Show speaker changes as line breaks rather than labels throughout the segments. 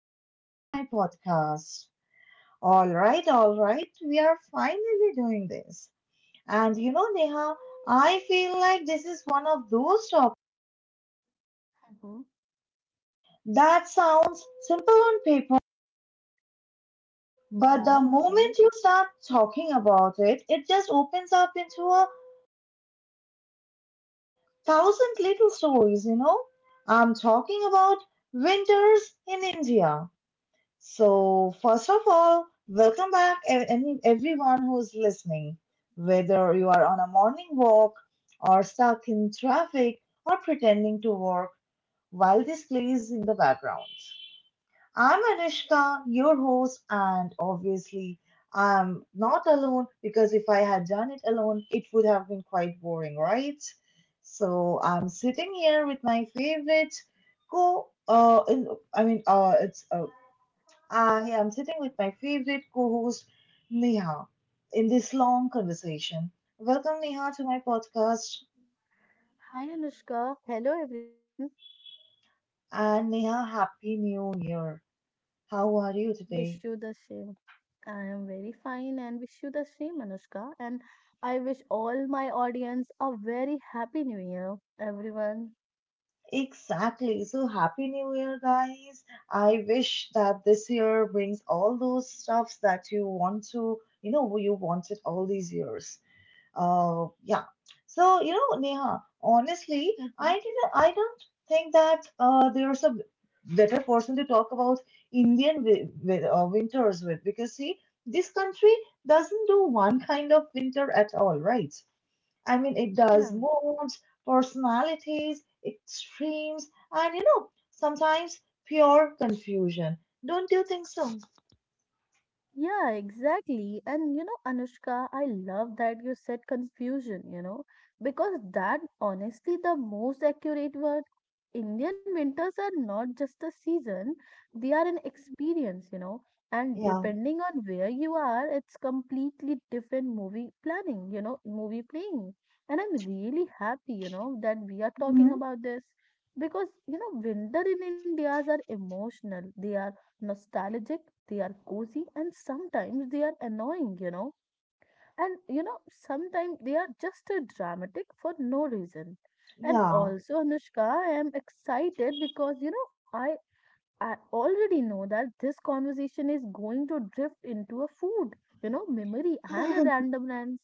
welcome back to my podcast. All right, we are finally doing this. And you know, Neha, I feel like this is one of those topics
Mm-hmm.
that sounds simple on paper, but the
Yeah, okay.
moment you start talking about it, it just opens up into a thousand little stories, you know. I'm talking about winters in India. So, first of all, welcome back everyone who's listening. Whether you are on a morning walk or stuck in traffic or pretending to work while this plays in the background. I'm Anishka, your host, and obviously I'm not alone because if I had done it alone, it would have been quite boring, right? So I'm sitting here with my favorite co. In, I mean, it's I am sitting with my favorite co host, Neha, in this long conversation. Welcome, Neha, to my podcast.
Hi, Anushka. Hello, everyone.
And Neha, Happy New Year. How are you
Wish you
today?
the same. I am very fine and wish you the same, Anushka. And I wish all my audience a very happy new year, everyone.
Exactly. So, Happy New Year, guys. I wish that this year brings all those stuffs that you want to, you know, you wanted all these years. Yeah. So, you know, Neha, honestly,
Mm-hmm.
I don't think that there's a better person to talk about Indian winters with because, see, this country doesn't do one kind of winter at all, right? I mean, it
Yeah.
does moods, personalities, extremes, and, you know, sometimes pure confusion. Don't you think so?
Yeah, exactly. And you know, Anushka, I love that you said confusion, you know, because that honestly the most accurate word. Indian winters are not just a season, they are an experience, you know. And
Yeah.
depending on where you are, it's completely different movie planning, you know, movie playing. And I'm really happy, you know, that we are talking
Hmm.
about this because, you know, winter in India's are emotional. They are nostalgic, they are cozy, and sometimes they are annoying, you know. And you know, sometimes they are just dramatic for no reason. And
Yeah.
also, Anushka, I am excited because you know, I already know that this conversation is going to drift into a food, you know, memory and a random lands.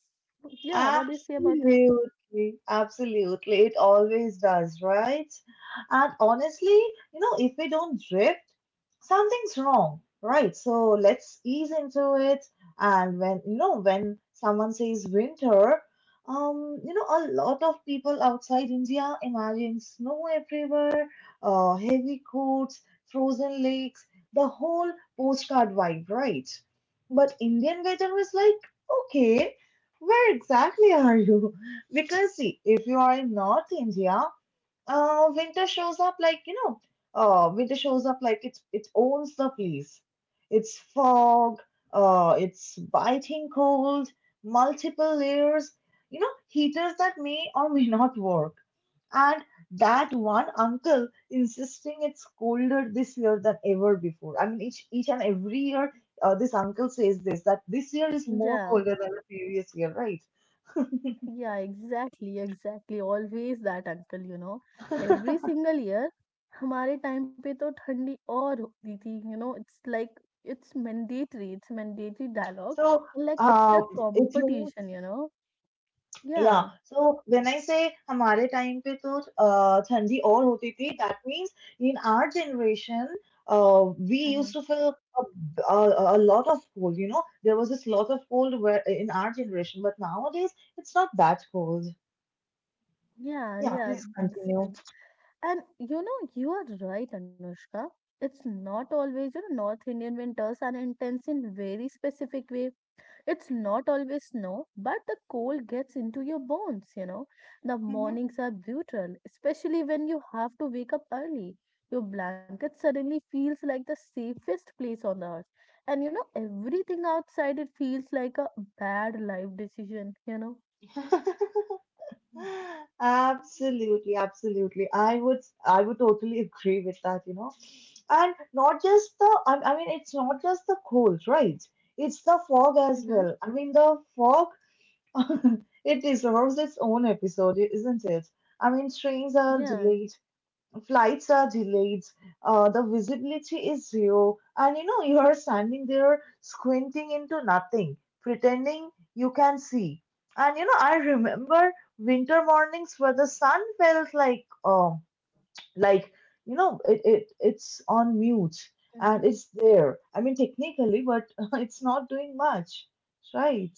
Yeah, what do you say about that?
Absolutely, absolutely. It always does, right? And honestly, you know, if we don't drift, something's wrong, right? So let's ease into it. And when, you know, when someone says winter, you know, a lot of people outside India imagine snow everywhere, heavy coats, frozen lakes, the whole postcard vibe, right? But Indian weather is like, okay. Where exactly are you? Because see, if you are in North India, uh, winter shows up like, you know, winter shows up like it owns the place. It's fog, it's biting cold, multiple layers, you know, heaters that may or may not work. And that one uncle insisting it's colder this year than ever before. I mean, each and every year, this uncle says this that this year is more
Yeah.
colder than the previous year, right?
Yeah, exactly, exactly. Always that uncle, you know. Every single year, हमारे time पे तो ठंडी और होती थी, you know. It's like it's mandatory dialogue.
So,
Like it's a
uh, it means.
competition, you know.
Yeah,
Yeah.
so when I say हमारे time पे तो ठंडी और होती थी, that means in our generation we
Hmm.
used to feel a lot of cold, you know, there was this lot of cold where in our generation, but nowadays it's not that cold.
Yeah,
Yeah,
yeah.
please
This
continue.
thing. And you know, you are right, Anushka. It's not always, you know, North Indian winters are intense in very specific ways. It's not always snow, but the cold gets into your bones, you know. The mornings are brutal, especially when you have to wake up early. Your blanket suddenly feels like the safest place on the earth. And you know, everything outside it feels like a bad life decision, you know.
Mhm. Absolutely, absolutely. I would totally agree with that, you know. And not just the, it's not just the cold, right? It's the fog as
Hmm.
well. I mean, the fog, it deserves its own episode, isn't it? I mean, trains are
Yeah.
delayed, flights are delayed, the visibility is zero, and you know, you are standing there squinting into nothing, pretending you can see. And you know, I remember winter mornings where the sun felt like, like you know, it's on mute
Mhm.
and it's there. I mean, technically, but it's not doing much, right?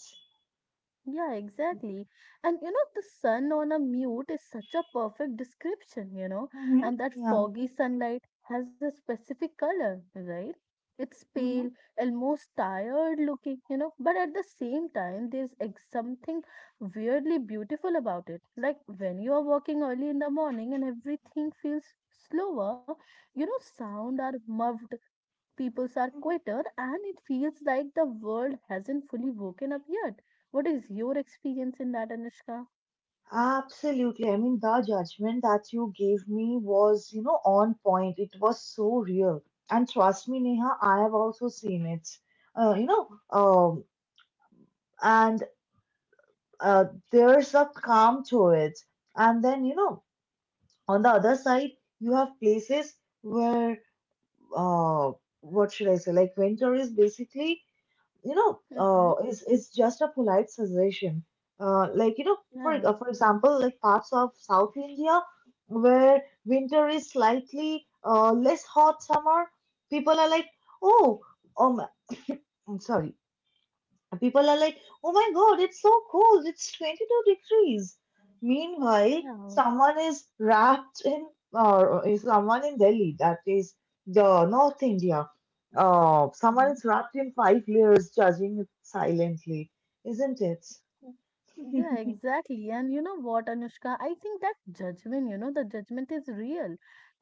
Yeah, exactly. And you know, the sun on a mute is such a perfect description, you know,
Hmm.
and that
Yeah.
foggy sunlight has a specific color, right? It's pale,
Hmm.
almost tired looking, you know, but at the same time, there's something weirdly beautiful about it. Like when you are walking early in the morning and everything feels slower, you know, sound are muffled, Peoples are quieter and it feels like the world hasn't fully woken up yet. What is your experience in that, Anushka?
Absolutely. I mean, the judgment that you gave me was, you know, on point. It was so real. And trust me, Neha, I have also seen it. You know, and uh, there's a calm to it. And then, you know, on the other side, you have places where, uh, what should I say, like winter is basically
Mm-hmm.
it's just a polite suggestion. Like, you know,
Yeah,
for example, like parts of South India where winter is slightly less hot summer, people are like, oh, um, I'm sorry, and people are like, oh my god, it's so cold, it's 22 degrees. Meanwhile,
yeah.
someone is wrapped in, or is someone in Delhi, that is the North India, someone
Mm-hmm.
is wrapped in five layers, judging it silently, isn't it?
Yeah, exactly. And you know what, Anushka? I think that judgment, you know, the judgment is real.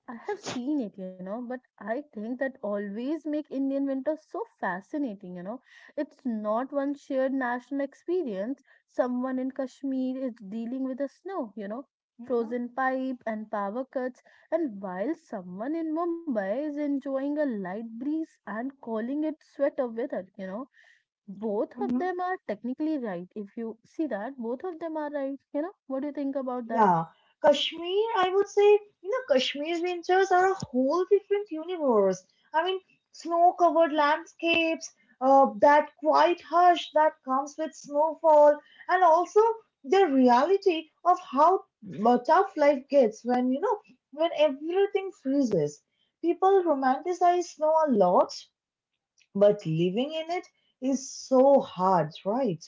I have seen it, you know, but I think that always make Indian winter so fascinating, you know. It's not one shared national experience. Someone in Kashmir is dealing with the snow, you know,
Mhm.
frozen pipe and power cuts, and while someone in Mumbai is enjoying a light breeze and calling it sweater weather, you know. Both of
Mhm.
them are technically right. If you see that, both of them are right, you know. What do you think about that?
Yeah, Kashmir, I would say, you know, Kashmir's winters are a whole different universe. I mean, snow-covered landscapes, that quiet hush that comes with snowfall, and also the reality of how tough life gets when, you know, when everything freezes. People romanticize snow a lot, but living in it is so hard, right?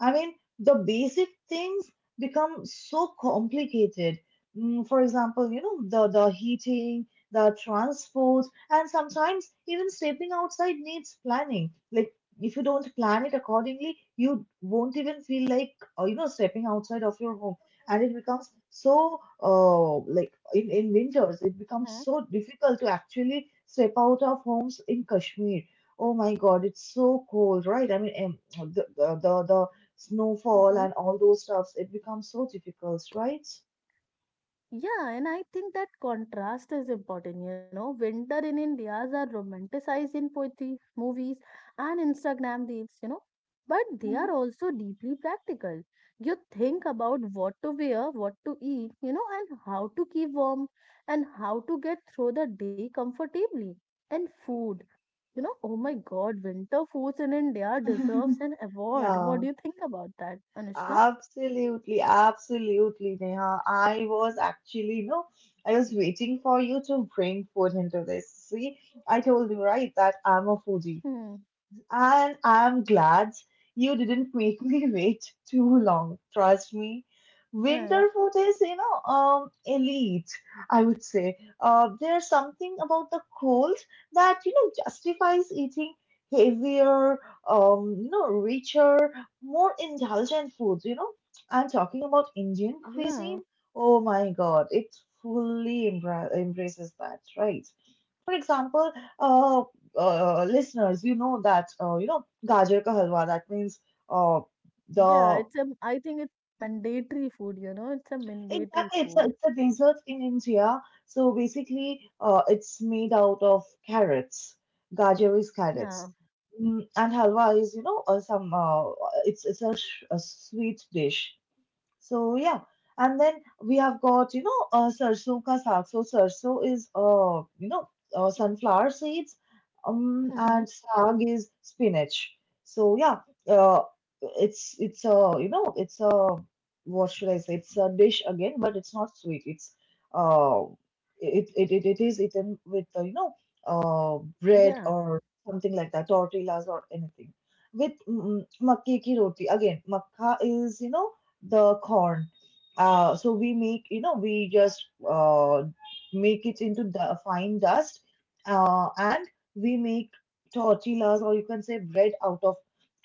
I mean, the basic things become so complicated. For example, you know, the heating, the transport, and sometimes even stepping outside needs planning. Like, if you don't plan it accordingly, you won't even feel like, you know, stepping outside of your home. And it becomes so, in winters, it becomes so difficult to actually step out of homes in Kashmir. Oh my God, it's so cold, right? I mean, em, the
Mhm.
snowfall and all those stuffs, it becomes so difficult, right?
Yeah, and I think that contrast is important. You know, winter in India are romanticized in poetry, movies, and Instagram reels, you know, but they are
Mhm.
also deeply practical. You think about what to wear, what to eat, you know, and how to keep warm and how to get through the day comfortably. And food, you know, oh my God, winter foods in India deserves an award.
Yeah,
What do you think about that, Anushka?
absolutely, absolutely, Neha. I was actually, you know, I was waiting for you to bring food into this. See, I told you, right, that I'm a foodie.
Hmm.
And I'm glad you didn't make me wait too long. Trust me.
Yeah.
Winter food is, you know, elite, I would say. There's something about the cold that, you know, justifies eating heavier, you know, richer, more indulgent foods, you know. I'm talking about Indian
Yeah.
cuisine. Oh my God, it fully embraces that, right? For example, uh, listeners, you know that you know gajar ka halwa. That means uh,
Yeah,
the
it's a, I think it's a mandatory food, you know, it's a mandatory
exactly
food.
it's a dessert in India. So basically, it's made out of carrots. Gajar is
Yeah.
carrots, and halwa is you know some it's a, sh- a sweet dish. So yeah, and then we have got you know sarso ka saag. So sarso is you know sunflower seeds,
Mm-hmm.
and saag is spinach. So yeah, uh, it's a you know it's a what should I say? It's a dish again, but it's not sweet. It's uh it it it, It is eaten with you know bread
Yeah.
or something like that, tortillas or anything. With makke ki roti again, makka is you know the corn. So we make, you know, we just make it into the fine dust and we make tortillas or you can say bread out of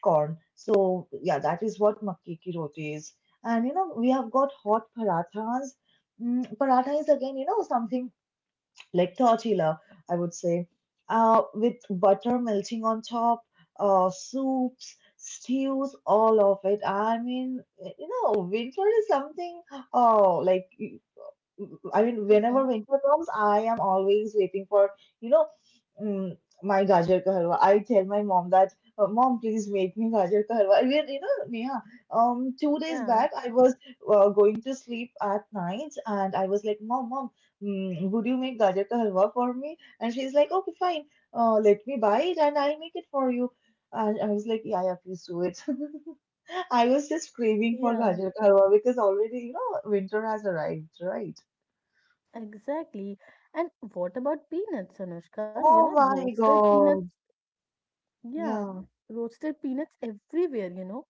corn. So yeah, that is what makke ki roti is. And you know, we have got hot parathas. Paratha is again, you know, something like tortilla, I would say, with butter melting on top, soups, stews, all of it. I mean, you know, winter is something, oh, like I mean,
Mm-hmm.
whenever winter comes, I am always waiting for, you know, mm, my gajar ka halwa. I tell my mom that, mom, please make me gajar ka halwa. We are, you know, Neha, 2 days
Yeah.
back, I was going to sleep at night and I was like, mom, mom, would you make gajar ka halwa for me? And she's like, okay, fine. Let me buy it and I'll make it for you. And I was like, yeah, yeah, please do it. I was just craving for
Yeah.
gajar ka halwa because already, you know, winter has arrived, right?
Exactly. And what about peanuts, Anushka? You know,
Oh my
roasted peanuts.
God.
Yeah.
Yeah.
Roasted peanuts everywhere, you know.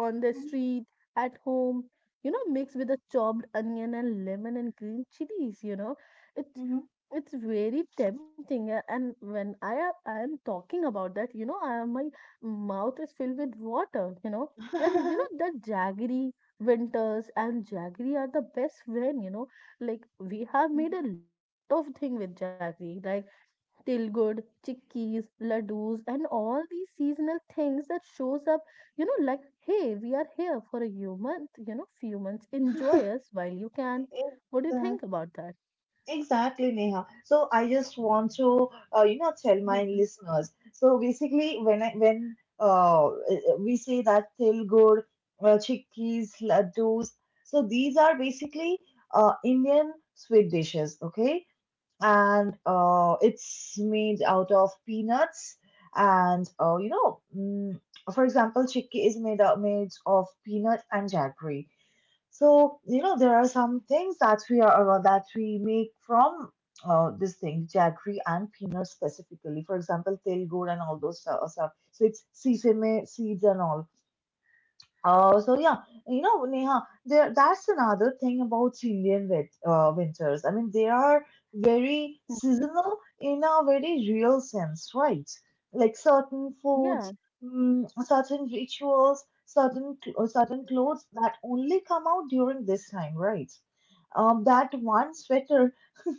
On the street, at home, you know, mixed with a chopped onion and lemon and green chilies, you know. It's
Mm-hmm.
it's very tempting and when I am talking about that, you know, my mouth is filled with water, you know. And you know that jaggery winters and jaggery are the best friend, you know. Like we have made
Mm-hmm.
a lot of thing with jaggery, like tilgud, chickpeas, ladoos, and all these seasonal things that shows up, you know, like, hey, we are here for a few months, you know, few months. Enjoy us while you can. What do you
Exact-
think about that?
Exactly, Neha. So I just want to, you know, tell my listeners. So basically, when I when we say that Tilgur, chickpeas, laddus, so these are basically Indian sweet dishes. Okay, and it's made out of peanuts and for example chickpea is made of peanut and jaggery, so you know there are some things that we are that we make from this thing jaggery and peanut specifically, for example til gur and all those stuff, so it's sesame seeds and all. So yeah, you know, Neha, there that's another thing about Indian winters. I mean, they are very seasonal in a very real sense, right? Like certain
Yeah,
foods, certain rituals, certain clothes that only come out during this time, right? That one sweater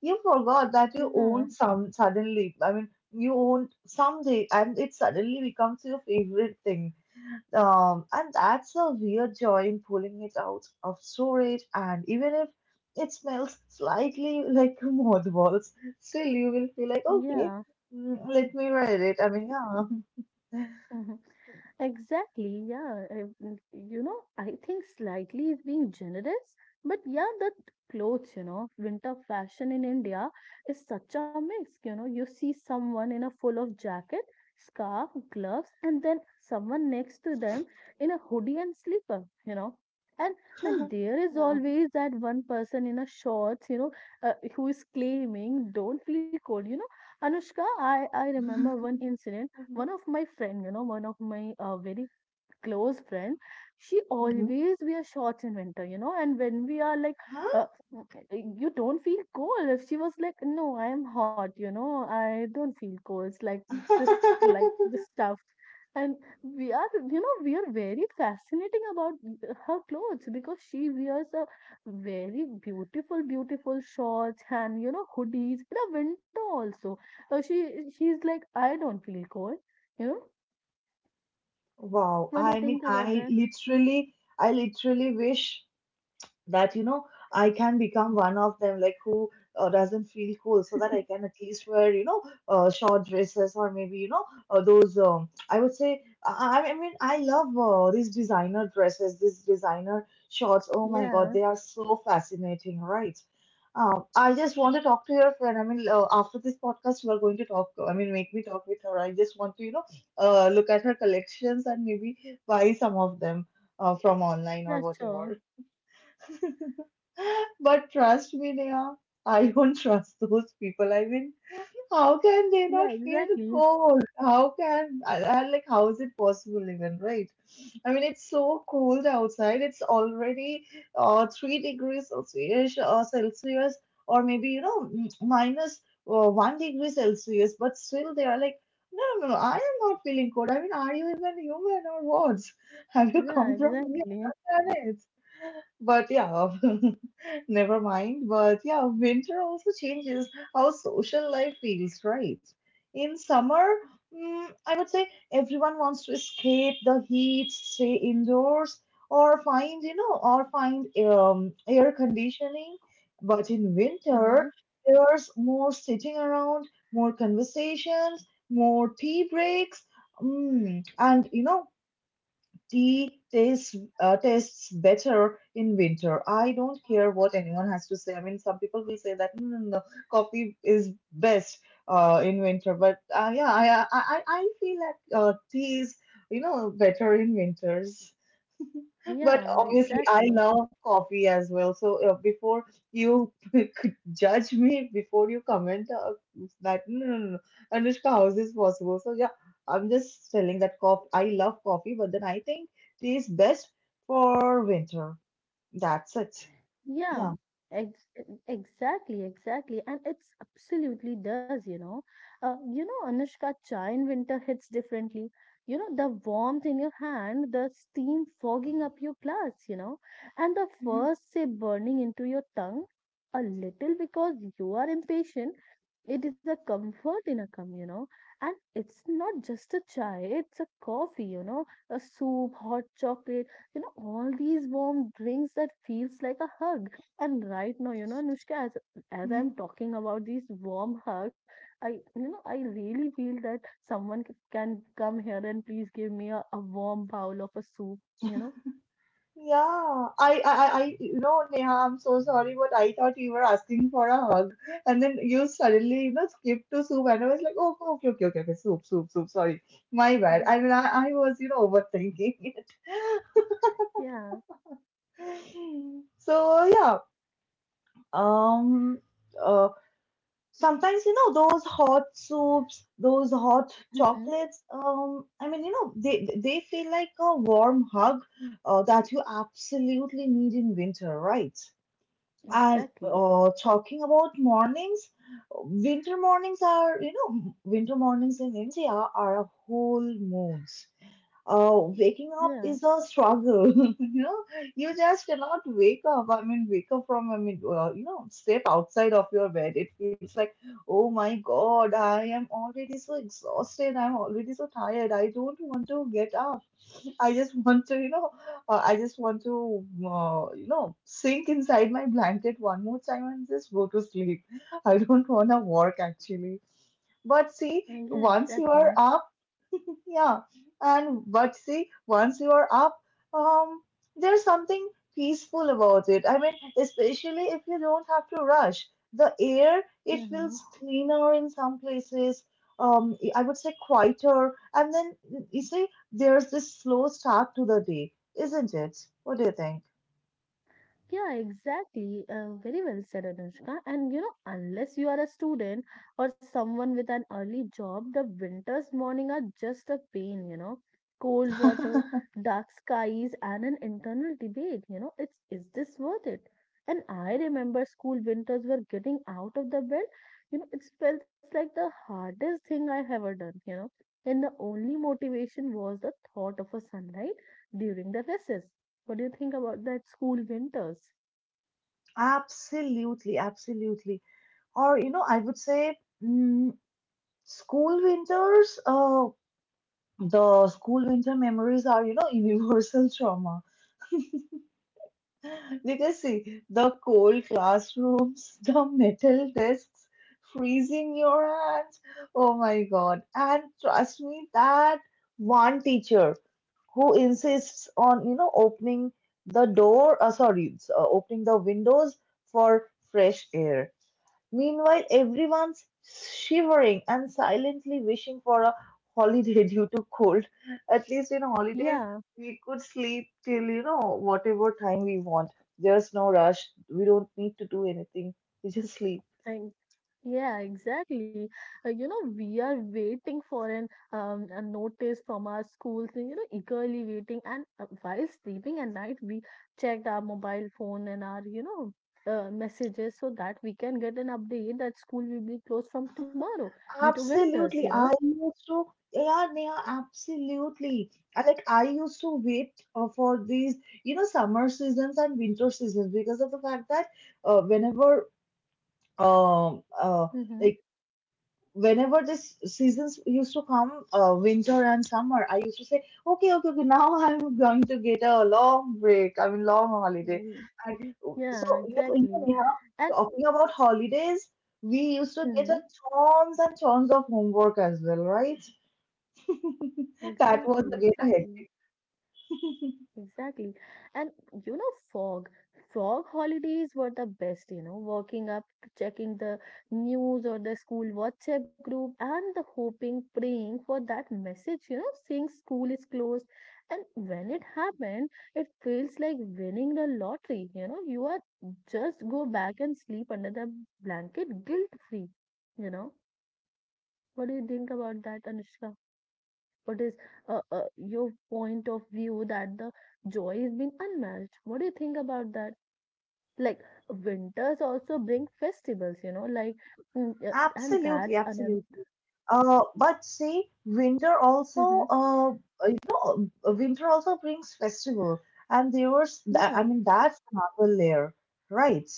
you forgot that you
yeah,
own some suddenly. I mean, you own someday, and it suddenly becomes your favorite thing, and that's the real joy in pulling it out of storage. And even if it smells slightly like mothballs, still you will feel like,
yeah.
okay, let me read it. I mean, yeah.
Mhm. Exactly, yeah. Mm, you know, I think slightly is being generous, but yeah, the clothes, you know, winter fashion in India is such a mix. You know, you see someone in a full of jacket, scarf, gloves, and then someone next to them in a hoodie and slipper, you know. And then there is
Yeah.
always that one person in a shorts, you know, who is claiming, don't feel cold. You know, Anushka, I remember one incident.
Mhm,
One of my friend, you know, one of my very close friend, she
mhm.
always wears shorts in winter, you know. And when we are like,
Huh?
uh, you don't feel cold. If she was like, no, I am hot, you know, I don't feel cold. It's this, like this stuff. And we are, you know, we are very fascinating about her clothes because she wears a very beautiful, beautiful shorts and you know hoodies in the winter also. So she's like, I don't feel cold, you know.
Wow,
What do you think about that?
I literally wish that you know I can become one of them, like who doesn't feel cool, so that I can at least wear you know short dresses or maybe you know those. I would say I love these designer dresses, these designer shorts. Oh my God,
Yeah.
they are so fascinating, right? I just want to talk to your friend. I mean, after this podcast, you are going to talk. I mean, make me talk with her. I just want to, look at her collections and maybe buy some of them from online or
Yeah, sure.
whatever. But trust me, Neha, I don't trust those people. I mean, how can they
Yeah,
not feel
exactly.
cold? How can, I, like, how is it possible even, right? I mean, it's so cold outside. It's already 3 degrees Celsius, Celsius, or maybe minus one degree Celsius. But still, they are like, no, no, no. I am not feeling cold. I mean, are you even human or what? Have you
Yeah,
come from any
exactly.
other planet? But yeah, Never mind. But yeah, winter also changes how social life feels, right? In summer, I would say everyone wants to escape the heat, stay indoors, or find, you know, or find air conditioning. But in winter,
Mm-hmm.
there's more sitting around, more conversations, more tea breaks. And you know, tea tastes tastes better in winter. I don't care what anyone has to say. I mean, some people will say that no, no, no, coffee is best in winter. But yeah, I feel that tea is you know better in winters. But
Yeah,
obviously, I
exactly.
love coffee as well. So before you could judge me, before you comment that no, no, no, no, Anushka, how is this possible? So yeah, I'm just telling that coffee. I love coffee, but then I think tea is best for winter. That's it.
Yeah,
Yeah.
ex Exactly, exactly. And it's absolutely does, you know. You know, Anushka, chai in winter hits differently. You know, the warmth in your hand, the steam fogging up your glass, you know, and the first sip burning into your tongue a little because you are impatient. It is a comfort in a cum, you know, and it's not just a chai, it's a coffee, you know, a soup, hot chocolate, you know, all these warm drinks that feels like a hug. And right now, you know, Anushka, as I'm talking about this warm hug, I, you know, I really feel that someone can come here and please give me a warm bowl of a soup, you know.
Yeah, you know, Neha, I'm so sorry, but I thought you were asking for a hug, and then you suddenly, you know, skipped to soup, and I was like, oh, okay, okay, okay, okay, soup, soup, soup. Sorry, my bad.
Mhm.
I mean, I was, you know, overthinking it.
Yeah.
So yeah, um, uh, sometimes you know those hot soups, those hot
Hmm.
chocolates. I mean, you know, they feel like a warm hug, that you absolutely need in winter, right? And
Exactly.
talking about mornings, winter mornings in India are a whole mood. Waking up
Yeah.
is a struggle. You know, you just cannot wake up. You know, step outside of your bed. It feels like, oh my God, I am already so exhausted. I'm already so tired. I don't want to get up. I just want to, I just want to, you know, sink inside my blanket one more time and just go to sleep. I don't want to work actually. But see,
And yeah,
once you
exactly.
are up, yeah, but see, once you are up, um, there's something peaceful about it. I mean, especially if you don't have to rush. The air, it feels
Hmm.
cleaner in some places. I would say quieter, and then you see, there's this slow start to the day, isn't it? What do you think?
Yeah, exactly. Very well said, Anushka. And you know, unless you are a student or someone with an early job, the winter's morning are just a pain, you know. Cold water, dark skies, and an internal debate, you know, it's is this worth it? And I remember school winters were getting out of the bed, you know, it felt like the hardest thing I ever done, you know. And the only motivation was the thought of a sunlight during the recess. What do you think about that school winters?
Absolutely, absolutely. Or, you know, I would say school winters. The school winter memories are, you know, universal trauma. Because see, the cold classrooms, the metal desks, freezing your hands. Oh my God. And trust me, that one teacher who insists on, you know, opening the door, sorry, s- opening the windows for fresh air. Meanwhile, everyone's shivering and silently wishing for a holiday due to cold. At least in holidays,
Yeah,
we could sleep till, you know, whatever time we want. There's no rush. We don't need to do anything. We just sleep.
and yeah, exactly. You know, we are waiting for an a notice from our schools, and, you know, eagerly waiting. And while sleeping at night, we checked our mobile phone and our, you know, messages so that we can get an update that school will be closed from tomorrow due to winters, you
Absolutely.
know.
I used to, yeah, Neha, absolutely. I used to wait for these, you know, summer seasons and winter seasons because of the fact that uh, whenever, um, uh,
Mm-hmm.
like, whenever this seasons used to come, winter and summer, I used to say, okay, okay, okay, now I'm going to get a long break. I mean, long holiday.
Mm.
And
Yeah,
so, you know,
exactly.
Neha,
And
talking about holidays, we used to get a
mhm,
tons and tons of homework as well, right? That
exactly,
was again a
exactly.
headache.
Exactly. And you know, fog, fog holidays were the best, you know, waking up, checking the news or the school WhatsApp group and the hoping, praying for that message, you know, saying school is closed. And when it happened, it feels like winning the lottery, you know, you are just go back and sleep under the blanket guilt free, you know. What do you think about that, Anushka? What is your point of view that the joy is being unmatched? What do you think about that? Like winters also bring festivals, you know, like and
Absolutely,
that's another.
absolutely. Uh, but see, winter
Hmm.
also uh, uh, winter also brings festival, I
Yeah.
mean, that's another layer, right?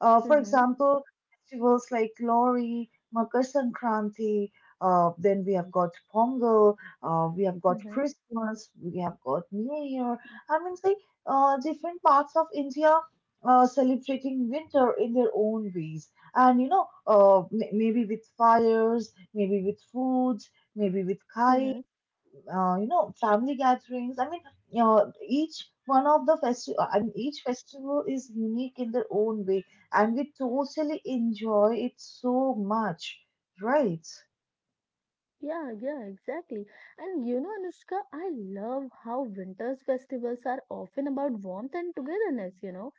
For
Hmm.
example, festivals like Lori, Makar Sankranti, then we have got Pongal, we have got
Hmm.
Christmas, we have got New Year. I mean, say, different parts of India celebrating winter in their own ways. And, you know, maybe with fires, maybe with food, maybe with kites,
Hmm.
you know, family gatherings. I mean, you know, each one of the festival, I mean, each festival is unique in their own way, and we totally enjoy it so much, right?
Yeah, yeah, exactly. And you know, Anushka, I love how winter's festivals are often about warmth and togetherness, you know,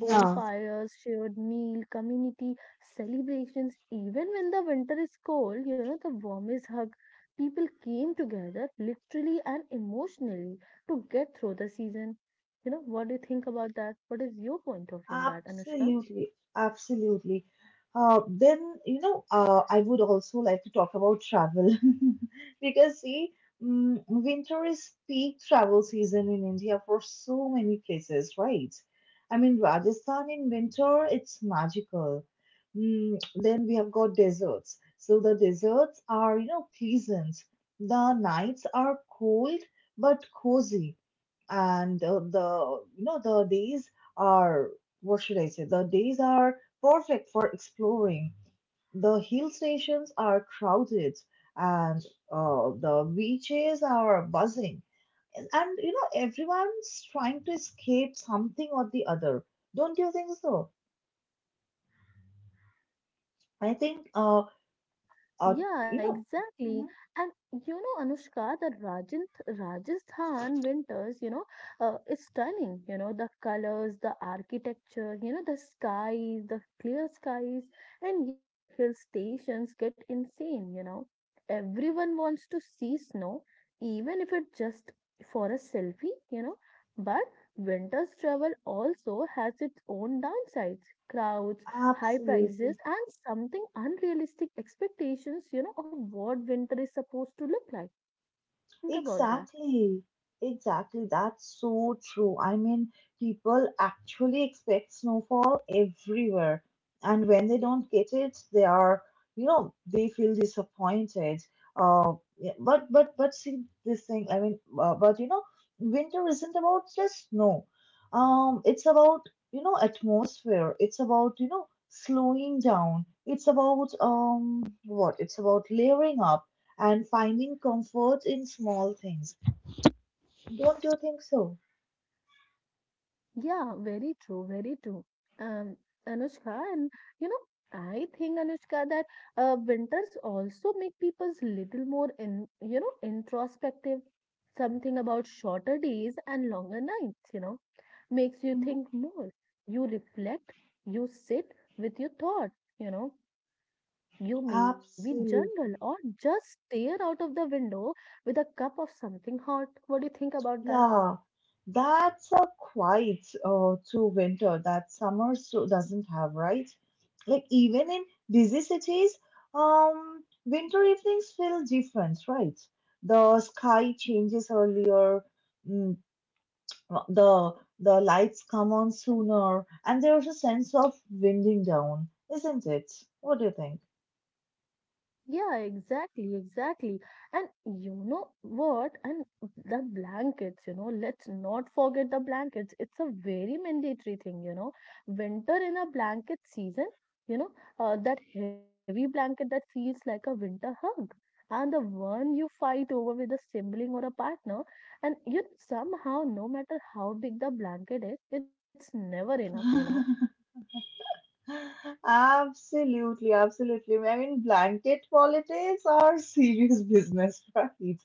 Yeah.
shared meal, community celebrations. Even when the winter is cold, you know, the warmest hug, people came together literally and emotionally to get through the season. You know, what do you think about that? What is your point of view in that, Anushka?
Absolutely, absolutely. Then, you know, I would also like to talk about travel because, see, winter is peak travel season in India for so many places, right? I mean, Rajasthan in winter, it's magical. Then we have got deserts. So the deserts are, you know, pleasant. The nights are cold but cozy, and the days are what should I say? The days are perfect for exploring. The hill stations are crowded and the beaches are buzzing. And you know, everyone's trying to escape something or the other. Don't you think so? I think, uh,
Yeah,
uh
yeah,
you know,
exactly.
mhm,
And you know, Anushka, the Rajant Rajasthan winters, you know, is stunning. You know, the colors, the architecture, you know, the skies, the clear skies, and yeah, hill stations get insane. You know, everyone wants to see snow, even if it's just for a selfie. You know, but winter's travel also has its own downsides: crowds, high
absolutely.
prices and something unrealistic expectations, you know, of what winter is supposed to look like. What do you think about that?
Exactly, exactly. That's so true. I mean, people actually expect snowfall everywhere, and when they don't get it, they are, you know, they feel disappointed. Yeah, but see this thing. But you know, winter isn't about just snow. It's about you know atmosphere. It's about you know slowing down. It's about what? It's about layering up and finding comfort in small things. Don't you think so?
Yeah, very true, very true. Um, Anushka, and you know, I think Anushka that winters also make people's little more in, you know, introspective. Something about shorter days and longer nights, you know, makes you
Mhm.
think more. You reflect, you sit with your thought, you know. You may be jungle or
Absolutely.
just stare out of the window with a cup of something hot. What do you think about that?
Yeah, that's a quite to winter that summer so doesn't have, right? Like even in busy cities, winter evenings feel different, right? The sky changes earlier, mm, the the lights come on sooner, and there's a sense of winding down, isn't it? What do you think?
Yeah, exactly, exactly. And you know what? And the blankets, you know, let's not forget the blankets. It's a very mandatory thing, you know. Winter in a blanket season, you know, that heavy blanket that feels like a winter hug. And the one you fight over with a sibling or a partner, and you know, somehow, no matter how big the blanket is, it's never enough,
Absolutely, absolutely. I mean, blanket politics are serious business, right?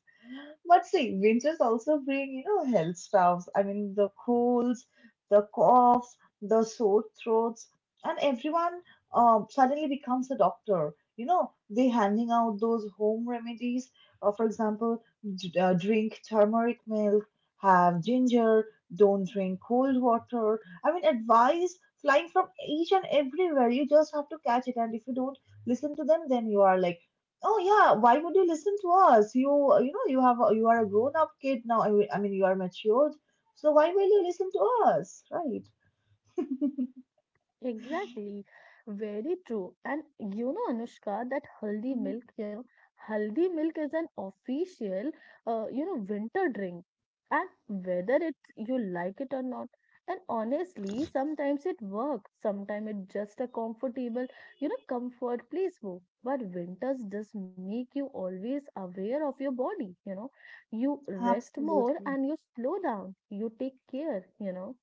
But see, winters also bring, you know, health stuffs. I mean, the colds, the coughs, the sore throats, and everyone suddenly becomes a doctor. You know, they handing out those home remedies. For example, drink turmeric milk, have ginger, don't drink cold water. I mean, advice flying from each and everywhere. You just have to catch it. And if you don't listen to them, then you are like, oh yeah, why would you listen to us? You know, you are a grown up kid now. I mean, you are matured. So why will you listen to us? Right.
Exactly, very true. And you know, Anushka, that haldi
Mhm.
milk, you know, haldi milk is an official, you know, winter drink. And whether it's you like it or not, and honestly, sometimes it works, sometimes it's just a comfortable, you know, comfort placebo. But winters just make you always aware of your body, you know. You rest more
Absolutely.
and you slow down, you take care, you know.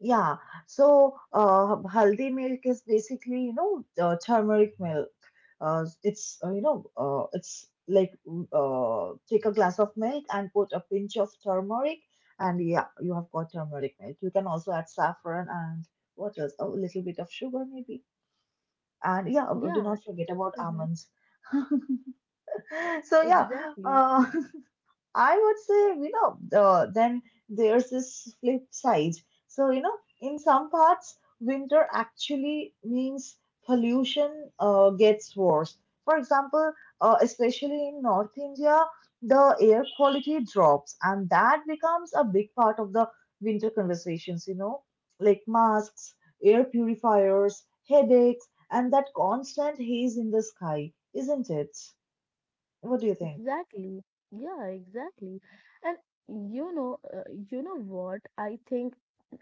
Yeah, so haldi milk is basically, you know, turmeric milk. It's like take a glass of milk and put a pinch of turmeric, and yeah, you have got turmeric milk. You can also add saffron and what else? A little bit of sugar, maybe. And yeah, do
Yeah,
not forget about
hmm
almonds. So yeah,
exactly.
uh, I would say, you know, then there's this flip side. So, you know, in some parts, winter actually means pollution gets worse. For example, especially in North India, the air quality drops, and that becomes a big part of the winter conversations, you know, like masks, air purifiers, headaches, and that constant haze in the sky, isn't it? What do you think?
Exactly. Yeah, exactly. And you know, uh, you know what? I think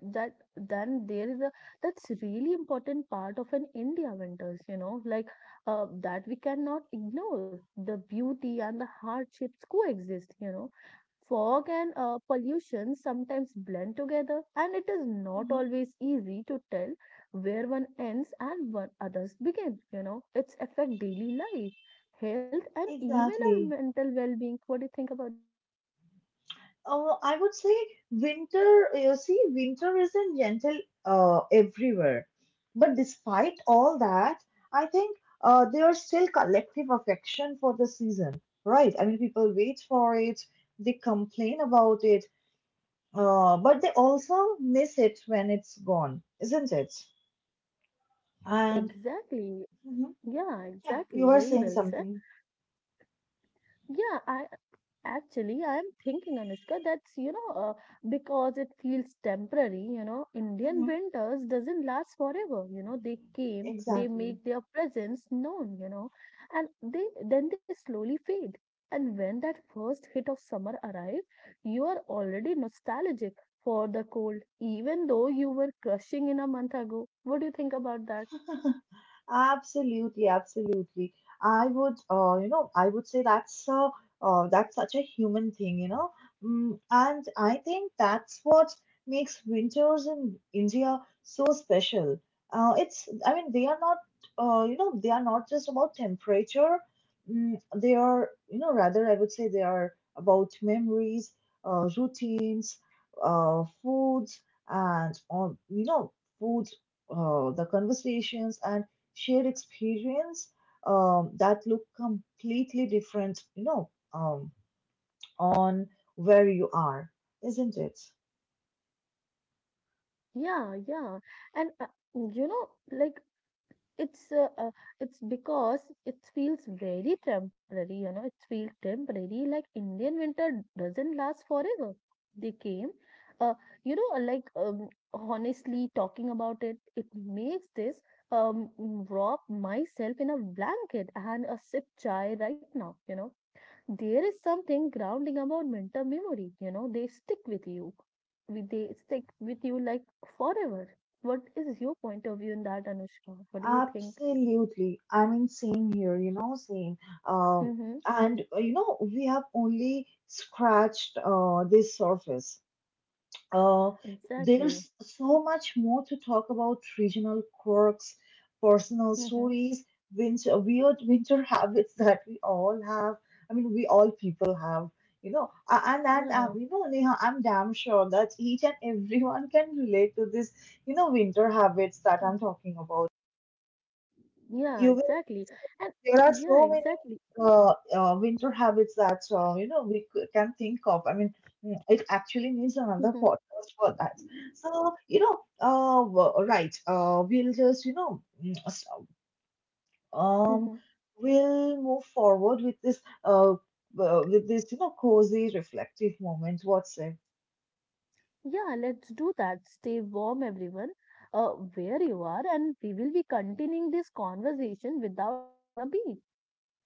that then there is a that's really important part of an India winters, you know, like that we cannot ignore. The beauty and the hardships coexist, you know. Fog and pollution sometimes blend together, and it is not
Hmm.
always easy to tell where one ends and one others begin. You know, it's affect daily life, health, and even our
Exactly.
mental well-being. What do you think about that?
Oh, I would say winter, you see, winter isn't gentle everywhere. But despite all that, I think there's still collective affection for the season, right? I mean, people wait for it, they complain about it, but they also miss it when it's gone, isn't it? And
Exactly.
mhm,
Yeah,
yeah, you
exactly.
were
Very
saying
well said.
something.
Yeah, I Actually, I am thinking, Anushka, because it feels temporary, you know, Indian
Hmm.
winters doesn't last forever. You know, they came, they
Exactly.
make their presence known, you know, and they then they slowly fade. And when that first hit of summer arrives, you are already nostalgic for the cold, even though you were crushing in a month ago. What do you think about that?
Absolutely, absolutely. You know, I would say that's such a human thing, you know, and I think that's what makes winters in India so special. I mean, they are not, you know, they are not just about temperature. They are, you know, rather I would say they are about memories, routines, foods, and on, you know, food, the conversations and shared experience that look completely different, you know, on where you are, isn't it?
Yeah. And you know, like it's uh, uh, it's because it feels very temporary, you know, it feels temporary, like Indian winter doesn't last forever. They came, uh, you know, like honestly, talking about it, it makes this wrap myself in a blanket and a sip chai right now, you know. There is something grounding about winter memory, you know, they stick with you, with they stick with you like forever. What is your point of view in that, Anushka? What do you think?
Absolutely. I mean, same here, same. Um,
Mm-hmm.
and, we have only scratched this surface. Uh,
Exactly.
there's so much more to talk about regional quirks, personal
Mm-hmm.
stories, weird winter habits that we all have. I mean, we all people have. A- And and um,
Yeah.
you know, Neha, I'm damn sure that each and everyone can relate to this, winter habits that I'm
Mm.
talking about.
Yeah,
You
exactly. And
there are
yeah,
so many
exactly.
winter habits that we can think of. I mean, it actually needs another
Mm-hmm.
podcast for that. So, right? We'll just you know, mm, s- um,
Mhm.
we'll move forward with this cozy, reflective moment. What say?
Yeah, let's do that. Stay warm, everyone, uh, where you are, and we will be continuing this conversation without missing a beat.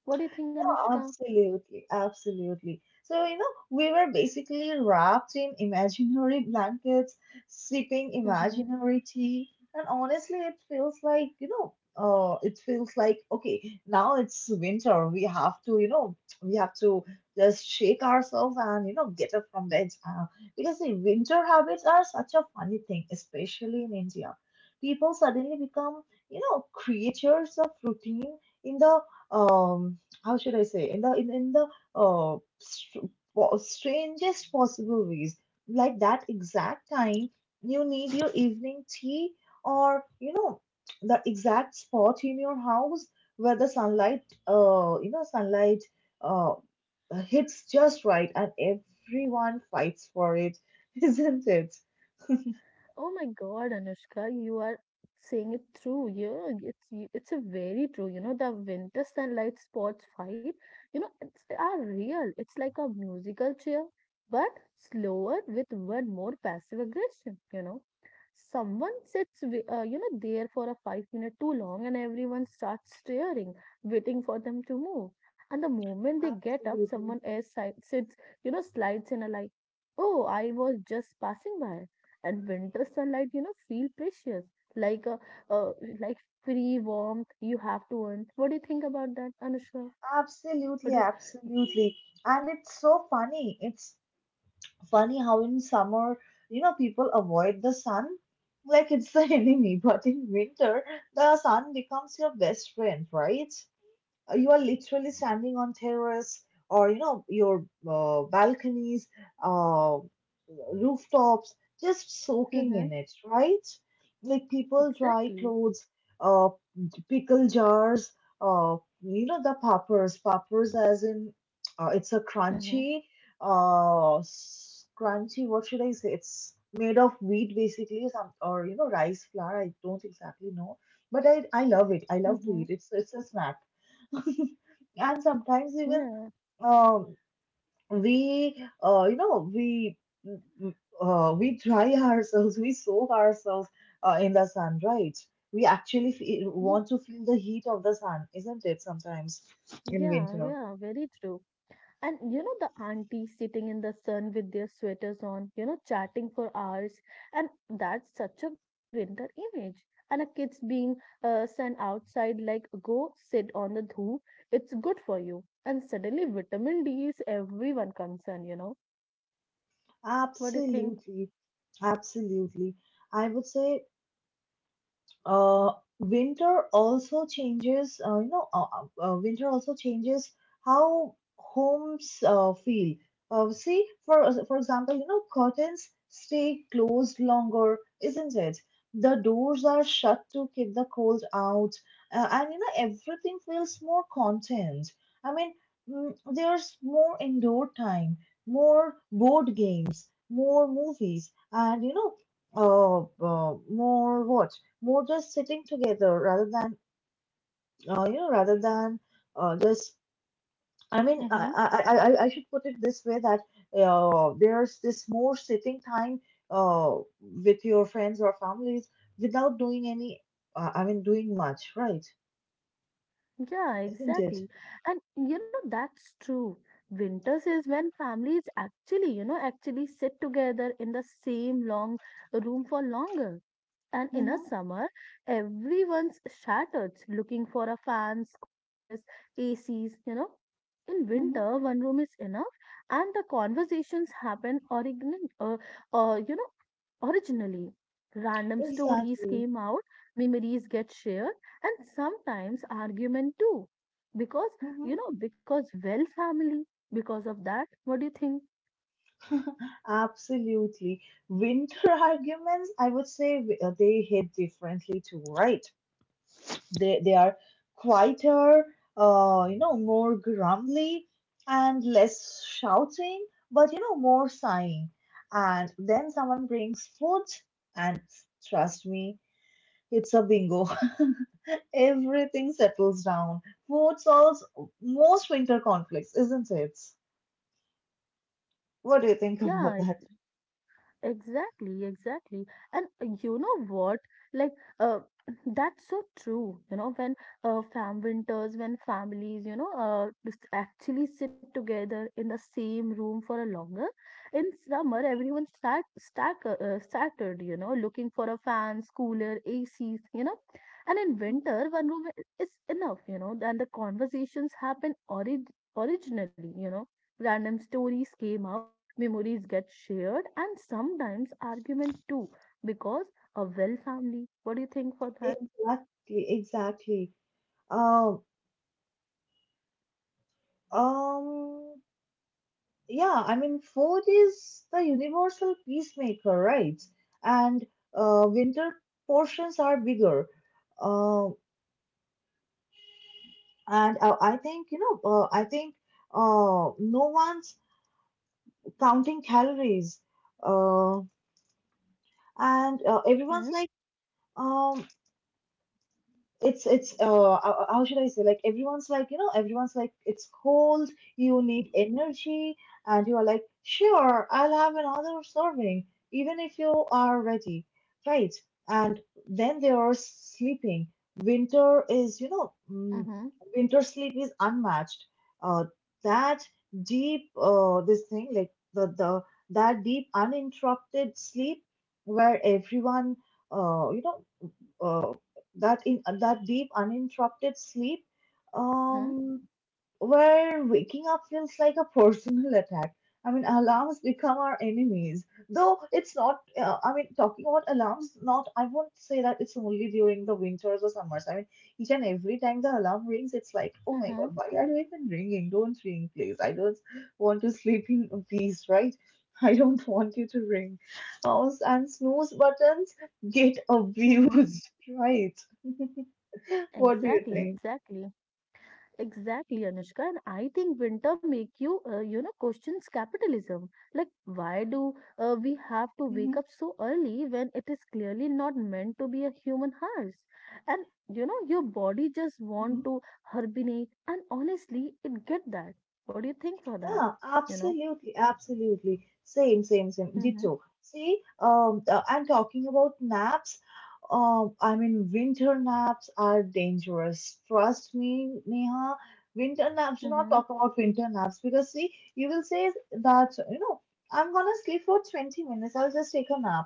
What do you think, Anushka?
Absolutely, absolutely. So, we were basically wrapped in imaginary blankets, sipping
Mm-hmm.
imaginary tea, and honestly, it feels like, you know, it feels like, okay, now it's winter. We have to just shake ourselves and, get up from bed. Because the winter habits are such a funny thing, especially in India. People suddenly become, creatures of routine in the, um how should I say, in the, uh str- strangest possible ways, like that exact time you need your evening tea, or the exact spot in your house where the sunlight you know sunlight uh hits just right, and everyone fights for it. Isn't it?
Oh my God, Anushka, you are saying it through. Yeah, it's a very true. You know, the winter sunlight spots fight. You know, it's are real. It's like a musical chair, but slower with one more passive aggression. You know. Someone sits, you know, there for a 5 minute too long, and everyone starts staring, waiting for them to move. And the moment they get up, someone
Absolutely,
else sits, you know, slides in a like, oh, I was just passing by. And winter sunlight, you know, feel precious, like a, uh, like free warmth you have to earn. What do you think about that, Anushka? What is,
absolutely, absolutely. And it's so funny, how in summer, people avoid the sun like it's the enemy, but in winter, the sun becomes your best friend, right? You are literally standing on terrace, or your balconies, uh, rooftops, just soaking
mm-hmm,
in it, right? Like, people dry
exactly.
clothes, uh, pickle jars, uh, the poppers, as in, it's a
Mm-hmm,
crunchy, crunchy, what should I say, it's made of wheat basically, some, or rice flour, I don't exactly know. But I love it. I love to
mm-hmm.
eat. It's a snack. And sometimes even,
Yeah,
um, we, uh, you know we we dry ourselves, we soak ourselves in the sun, right? We actually
ye-
want to feel the heat of the sun, isn't it, sometimes in
yeah,
winter?
yeah, very true. And you know, the aunties sitting in the sun with their sweaters on, you know, chatting for hours. And that's such a core winter image. And a kids being sent outside, like, go sit on the dhoof, it's good for you. And suddenly, vitamin D is everyone concerned, you know. What do you think?
Absolutely, absolutely, I would say, uh, winter also changes winter also changes how homes feel. See, for example, curtains stay closed longer, isn't it? The doors are shut to keep the cold out. And everything feels more content. I mean, there's more indoor time, more board games, more movies, and uh, uh, more what more just sitting together rather than, you know rather than just I mean, I,
Mm-hmm.
I i I- I should put it this way, that there's this more sitting time, with your friends or families, without doing any, I mean, doing much, right?
Yeah,
Isn't it?
exactly. And you know, that's true. Winters is when families actually, you know, actually sit together in the same long room for longer. And in a
Mm-hmm,
summer, everyone's shattered looking for a fans, coolers, ACs, you know. In
mm-hmm.
winter, one room is enough, and the conversations happen you know, originally. Random stories
Exactly.
came out, memories get shared, and sometimes argument too. Because,
Hmm.
you know, because well family, because of that, what do you think?
Absolutely. Winter arguments, I would say, they hit differently too, right? They are quieter, more grumbly and less shouting, but more sighing. And then someone brings food, and trust me, it's a bingo. Everything settles down. Food solves most winter conflicts, isn't it? What do you think
Yeah,
about that?
exactly, exactly. And you know what? Like, uh, that's so true. You know, when fam winters, when families, you know, just actually sit together in the same room for a longer. In summer, everyone started, you know, looking for a fans, cooler, ACs, you know. And in
Mhm.
winter, one room is enough, you know, and the conversations happen originally, you know. Random stories came out. Memories get shared and sometimes argument too because a well family. What do you think for that?
Exactly, exactly. Um, um, yeah, I mean, food is the universal peacemaker, right? And winter portions are bigger. Uh, and I think, no one's counting calories. Uh, and everyone's
Mm-hmm,
like, um, it's how should I say, like, everyone's like, it's cold, you need energy, and you are like, sure, I'll have another serving even if you are ready, right? And then they are sleeping. Winter is you know mm,
mm-hmm,
Winter sleep is unmatched. uh that deep this thing like the that deep uninterrupted sleep where everyone uh you know uh, that deep uninterrupted sleep,
mm-hmm,
um, where waking up feels like a personal attack. I mean, alarms become our enemies. Though it's not, I mean, talking about alarms, not, I won't say that it's only during the winters or summers. I mean, each and every time the alarm rings, it's like, oh my
mm-hmm,
God, why are you even ringing? Don't ring, please. I don't want to sleep in peace, right? I don't want you to ring. And snooze buttons get
mm-hmm.
abused, right? What do you
Exactly,
think?
exactly. Exactly, Anushka. And I think winter make you, you know, questions capitalism. Like, why do we have to wake
Hmm.
up so early when it is clearly not meant to be a human house? And you know, your body just
Hmm.
want to hibernate. And honestly, it get that. What do you think for that?
Yeah,
You know.
absolutely, absolutely. Same, same, same.
Mm-hmm.
Ditto. See, I'm talking about naps. I mean, winter naps are dangerous. Trust me, Neha. Winter naps. Do not
Mm-hmm.
talk about winter naps, because see, you will say that I'm gonna sleep for 20 minutes. I'll just take a nap.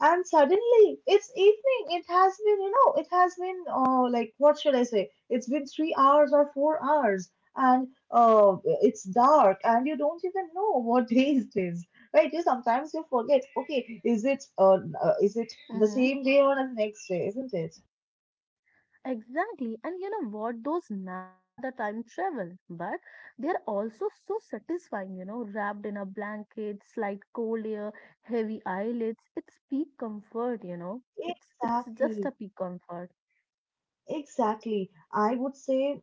And suddenly it's evening. It has been, like, what should I say, it's been 3 hours or 4 hours. And it's dark and you don't even know what day it is, right? you Sometimes you forget, okay, is it the
Mm-hmm.
same day or the next day, isn't it?
Exactly. And you know what? Those naps are the time travel, but they're also so satisfying, you know, wrapped in a blanket, slight cold air, heavy eyelids. It's peak comfort, you know. It's just a
Exactly,
peak comfort.
exactly. I would say,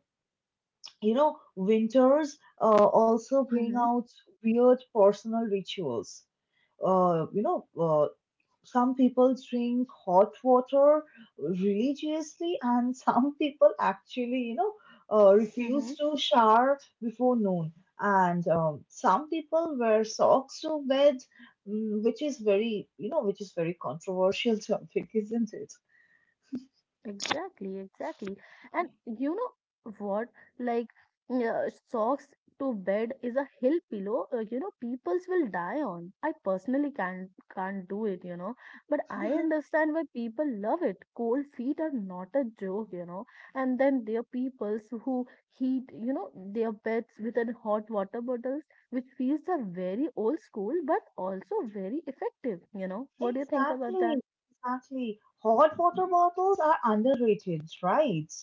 you know, winters also bring
Mm-hmm.
out weird personal rituals. Uh, you know, uh, Some people drink hot water religiously, and some people actually, refuse
Mm-hmm.
to shower before noon. And some people wear socks to bed, which is very controversial topic, isn't it?
Exactly, exactly. And you know what? Like, socks to bed is a hill pillow. You know, peoples will die on. I personally can't do it. You know, but I understand why people love it. Cold feet are not a joke. You know, and then there are peoples who heat. You know, their beds with an hot water bottles, which feels are very old school but also very effective. You know, what do you think about that?
Exactly, exactly. Hot water bottles are underrated, right?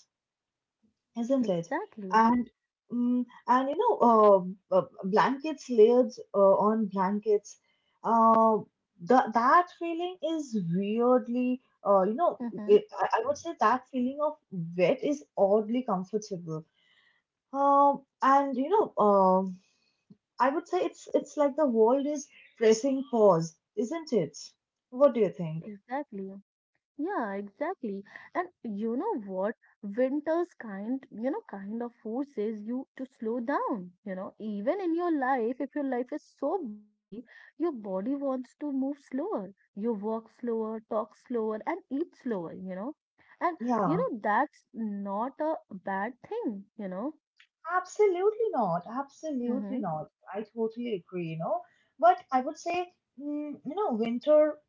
Isn't it?
Exactly.
And blankets layered on blankets. Uh, that feeling is weirdly,
Mm-hmm.
I would say that feeling of wet is oddly comfortable. And you know, I would say it's like the world is pressing pause, isn't it? What do you think?
Exactly. Yeah, exactly. And you know what? Winter's kind, you know, kind of forces you to slow down. You know, even in your life, if your life is so busy, your body wants to move slower. You walk slower, talk slower, and eat slower, you know. And, you
Yeah.
know, that's not a bad thing, you know.
Absolutely not. Absolutely
Mm-hmm.
not. I totally agree, you know. But I would say, you know, winter,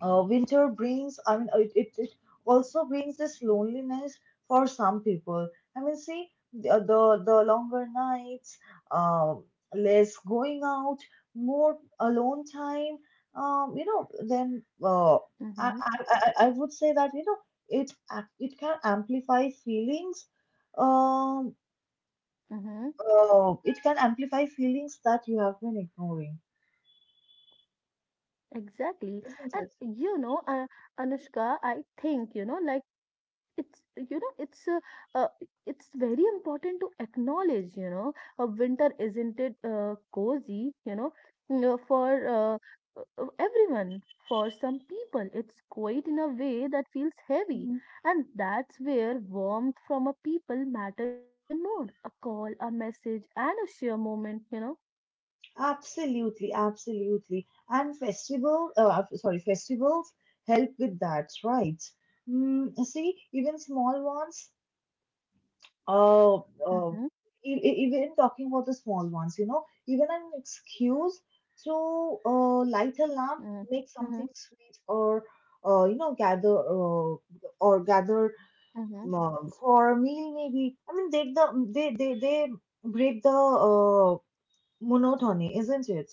uh, winter brings, I mean, it also brings this loneliness for some people. I mean, see, the longer nights, um, less going out, more alone time, you know. Then I,
Mm-hmm.
I, I I would say that, you know, it can amplify feelings. Um,
Mm-hmm.
Oh, it can amplify feelings that you have been ignoring,
Exactly.
isn't it?
And, you know, Anushka, I think, you know, like it's you know it's uh, uh, it's very important to acknowledge, you know, winter isn't it cozy, you know, you know, for everyone. For some people it's quite in a way that feels heavy,
Hmm.
and that's where warmth from a people matters even more, a call, a message and a sheer moment, you know.
Absolutely, absolutely. And sorry, festivals help with that, right? Mm, see, even small ones, uh, uh,
Mm-hmm,
even talking about the small ones, you know, even an excuse to light a lamp,
mm-hmm,
make
mm-hmm.
something sweet, or uh, you know, gather uh, gather
Mm-hmm.
months or a meal maybe. I mean, they break the monotony, isn't it?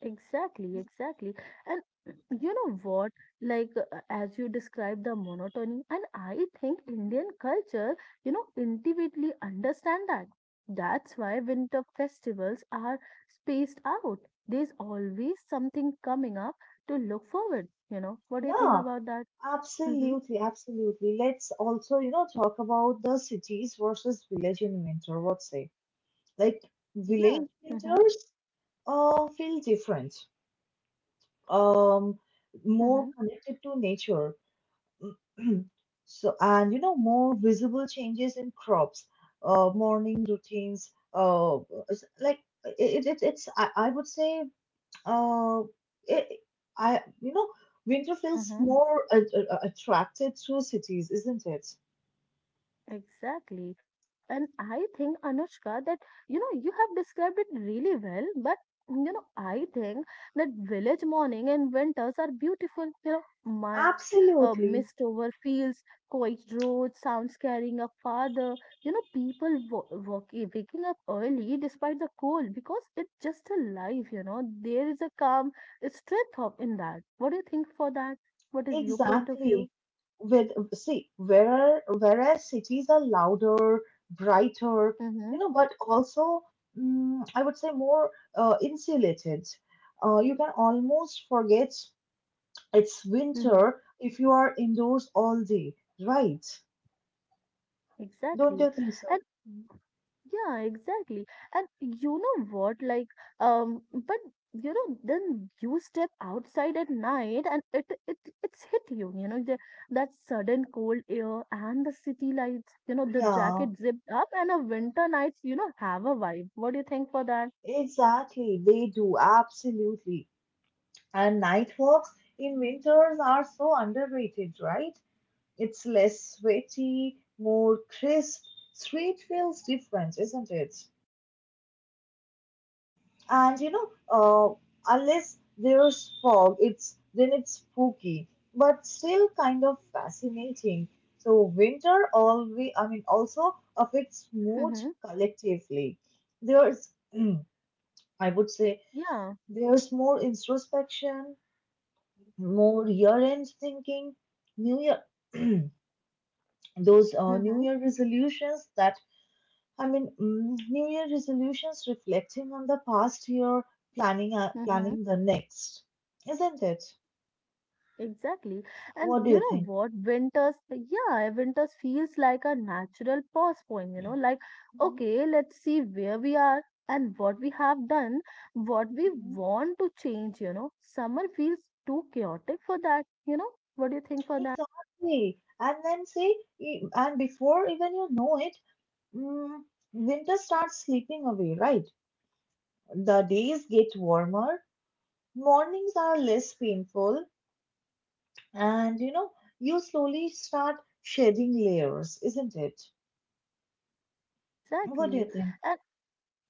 Exactly, exactly. And you know what? Like, as you describe the monotony, and I think Indian culture, you know, intuitively understand that. That's why winter festivals are spaced out. There's always something coming up to look forward, you know. What do you think
Yeah,
about that? Mm-hmm.
absolutely, absolutely. Let's also, you know, talk about the cities versus village in winter. What say? Like,
Yeah.
village
Mm-hmm.
winters feel different. Um, More
Mm-hmm.
connected to nature. so and you know More visible changes in crops, morning routines. It's like it it's I would say, uh it, I you know winter feels
Mm-hmm.
more attracted to cities, isn't it?
Exactly. And I think, Anushka, that you know, you have described it really well, but you know, I think that village morning and winters are beautiful. You know, mind,
Absolutely.
mist over fields, quiet roads, sounds carrying a father. You know, people waking up early despite the cold because it's just a life, you know. There is a calm strength of in that. What do you think for that? What is your point of view?
Exactly. With see, where Whereas cities are louder, brighter, you
Mm-hmm.
know, but also I would say more insulated. You can almost forget it's
Mm-hmm.
winter if you are indoors all day, right? Don't
Exactly.
you think so?
Yeah, exactly. And you know what? Like, but you know, then you step outside at night and it's hit you, you know, the, that sudden cold air and the city lights, you know, the
Yeah,
jacket zipped up and a winter nights, you know, have a vibe. What do you think for that?
exactly. They do, absolutely. And night walks in winters are so underrated, right? It's less sweaty, more crisp. Street feels different, isn't it? And you know, unless there's fog, it's then it's spooky, but still kind of fascinating. So winter always, I mean, also affects mood
Mm-hmm.
collectively. There's, I would say,
Yeah.
there's more introspection, more year-end thinking, New Year. those New
Mm-hmm.
Year resolutions that I mean, New Year resolutions, reflecting on the past year, planning uh,
Mm-hmm.
planning the next, isn't it?
Exactly. And
What do
you
you
know
think?
what? Winters, yeah, winters feels like a natural pause point, you know, like,
Hmm.
okay, let's see where we are and what we have done, what we
Hmm.
want to change, you know. Summer feels too chaotic for that, you know. What do you think for that?
Exactly. And then see, and before even you know it, mm, winter starts slipping away, right? The days get warmer, mornings are less painful, and you know, you slowly start shedding layers, isn't it? What do
Exactly.
you think?
and.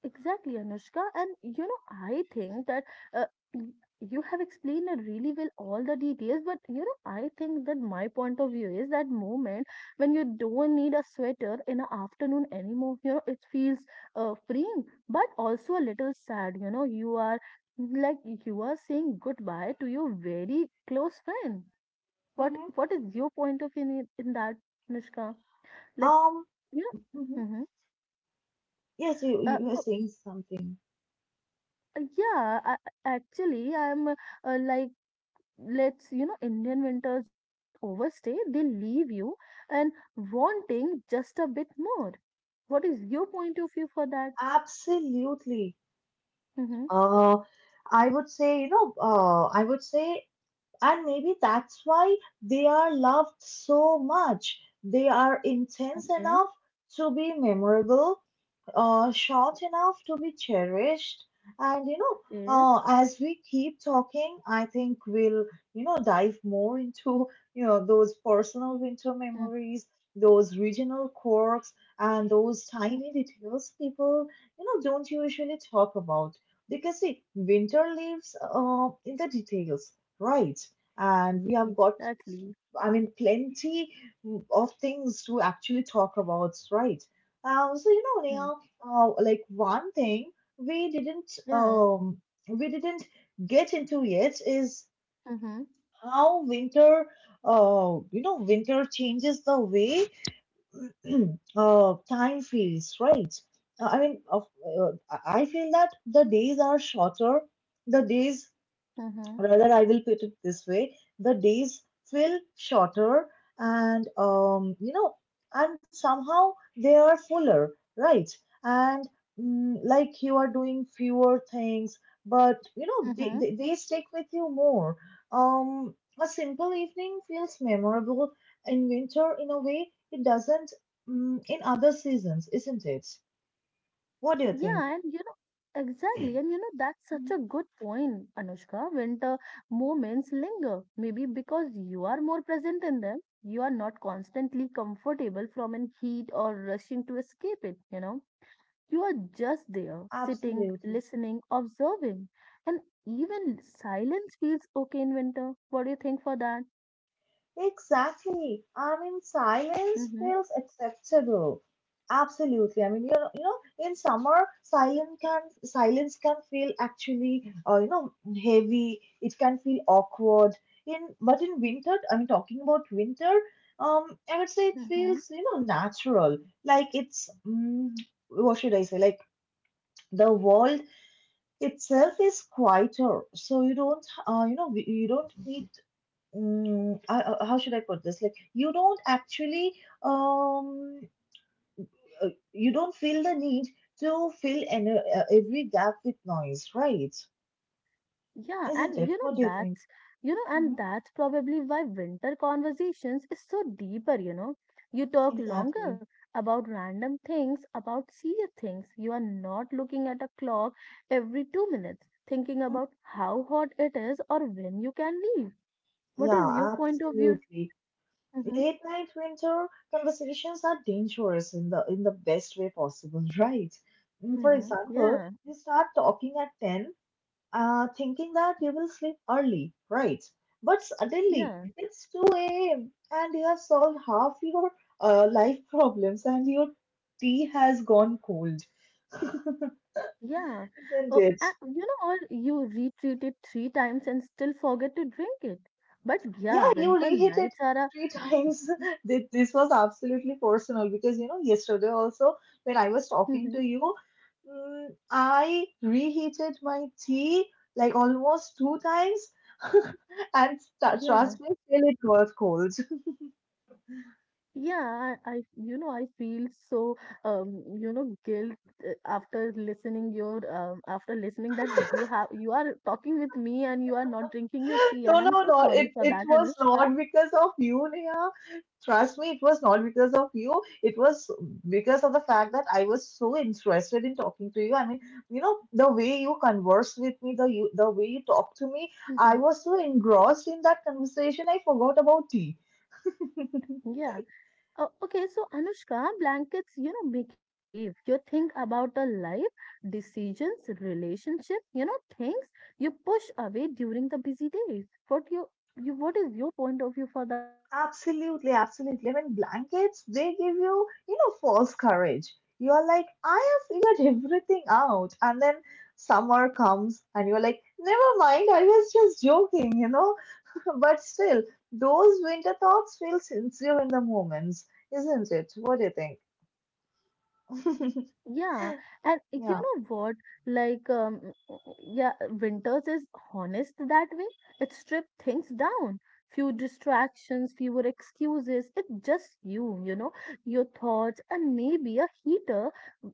Exactly, Anushka. And you know, I think that uh, y- you have explained it really well all the details, but you know, I think that my point of view is that moment when you don't need a sweater in the afternoon anymore, you know, it feels freeing, but also a little sad. You know, you are like, you are saying goodbye to your very close friend.
Mm-hmm.
What is your point of view in that, Anushka? Like,
Um,
you know,
mhm.
hmm
Yes, you, you were
oh,
saying something.
Yeah, I, actually, I'm like, let's, you know, Indian winters don't overstay. They leave you and wanting just a bit more. What is your point of view for that?
Absolutely.
Mm-hmm.
Uh, I would say, and maybe that's why they are loved so much. They are intense
Okay,
enough to be memorable, short enough to be cherished. And you know,
okay.
as we keep talking, I think we'll dive more into those personal winter
Mm-hmm.
memories, those regional quirks, and those tiny details people don't usually talk about. Because see, winter lives in the details, right? And we have got,
Exactly.
plenty of things to actually talk about, right? So,
Mm.
Neha, like one thing we didn't
Yeah.
um we didn't get into yet is
Mm-hmm.
how winter winter changes the way time feels, right? I mean, of I feel that the days are shorter, the days
Mm-hmm.
rather I will put it this way, the days feel shorter, and and somehow they are fuller, right? And like you are doing fewer things, but you know they,
Mm-hmm.
they, they stick with you more. um, a simple evening feels memorable in winter in a way it doesn't, in other seasons, isn't it? What do you think?
Yeah, and you know, exactly. And you know, that's such a
Mhm.
good point, Anushka. Winter moments linger, maybe because you are more present in them, you are not constantly comfortable from an heat or rushing to escape it, you know. You are just there, sitting,
Absolutely.
listening, observing. And even silence feels okay in winter. What do you think for that?
Exactly. I mean, silence
Mm-hmm.
feels acceptable. Absolutely. I mean, in summer, silence can feel actually heavy. It can feel awkward. In but in winter, I mean, talking about winter, I would say it
Mm-hmm.
feels, natural. Like what should I say? Like the world itself is quieter, so you don't, you don't need how should I put this? Like, you don't actually, um, you don't feel the need to fill every gap with noise, right?
Yeah,
Isn't
and you
it? What
know
do you think?
that's you know,
Hmm.
and that's probably why winter conversations is so deeper, you know. You talk longer
Exactly.
about random things, about serious things. You are not looking at a clock every 2 minutes, thinking about how hot it is or when you can leave. What is your
Yeah,
point of view in that?
absolutely.
Mm-hmm.
Late night winter conversations are dangerous in the best way possible, right? For
Mm-hmm.
example,
Yeah,
you start talking at 10, thinking that you will sleep early, right? But suddenly
yeah,
it's 2 a.m. and you have solved half your life problems and your tea has gone cold,
yeah.
isn't
Oh,
it?
and you know, or you retreat it three times and still forget to drink it. But yeah,
Yeah, you
winter
reheat it
nights are
3 times. This was absolutely personal because you know, yesterday also when I was
a
talking to you, I reheated my tea like almost 2 times, and
Yeah,
trust me, still it got cold.
yeah, you know, I feel so, you know, guilt after listening your, after listening that you have, you are talking with me and you are not drinking your tea,
No,
and I'm
no,
so
no.
sorry
It
for
it
that,
was
Anushka.
not because of you, Neha. Trust me, it was not because of you. It was because of the fact that I was so interested in talking to you. I mean, you know, the way you converse with me, the way you talk to me, I
Mhm.
was so engrossed in that conversation, I forgot about tea.
Yeah. Okay, so Anushka, blankets, you know, make you brave. You think about a life, decisions, relationship, you know, things you push away during the busy days. What is your point of view for that?
Absolutely, absolutely. I mean, blankets, they give you, you know, false courage. You're like, I have figured everything out. And then summer comes and you're like, never mind, I was just joking, you know. But still, those winter thoughts feel sincere in the moments, isn't it? What do you think?
Yeah, and you
Yeah.
know what? Like, um, yeah, winters is honest that way. It strips things down. Few distractions, fewer excuses. It's just you, you know, your thoughts, and maybe a heater,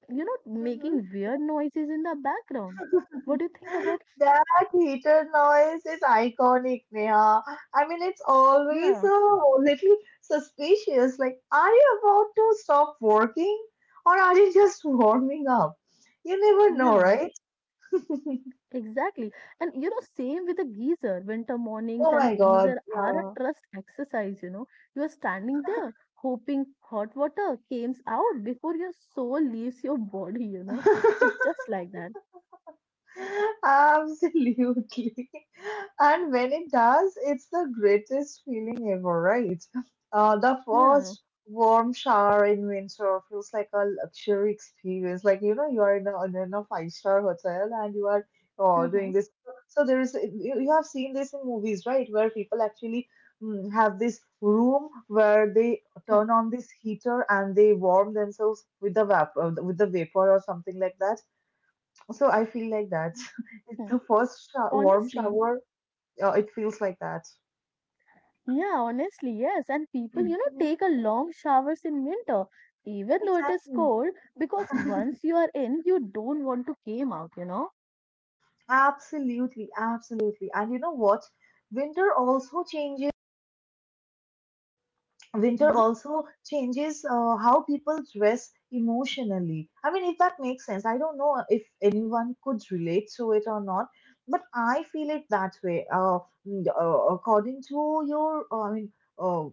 you know,
Mhm.
making weird noises in the background. What do you think about
That
heater?
heater noise is iconic, Neha. I mean, it's always
Yeah,
a little suspicious. Like, are you about to stop working or are you just warming up? You never know,
yeah.
right?
Exactly. And you know, same with a geyser. Winter mornings
Oh
and a
my God,
geyser are
yeah.
a trust exercise, you know. You are standing there hoping hot water comes out before your soul leaves your body, you know. It's just like that.
Absolutely. And when it does, it's the greatest feeling ever, right? The
Yeah.
first warm shower in winter feels like a luxury experience. Like, you know, you are in in a five-star hotel and you are doing
Mm-hmm.
this. So there is, you have seen this in movies, right? Where people actually have this room where they
Mm-hmm.
turn on this heater and they warm themselves with the vapor or something like that, so I feel like that.
Hmm.
It's the first sho warm
Honestly,
shower. It feels like that.
yeah, honestly, yes. And people, you know,
Mhm.
take a long showers in winter, even though it is
Exactly.
cold, because once you are in, you don't want to came out, you know.
Absolutely, absolutely. And you know what? Winter also changes. Winter
Mm-hmm.
also changes how people dress emotionally. I mean, if that makes sense, I don't know if anyone could relate to it or not, but I feel it that way. According to your I mean, uh,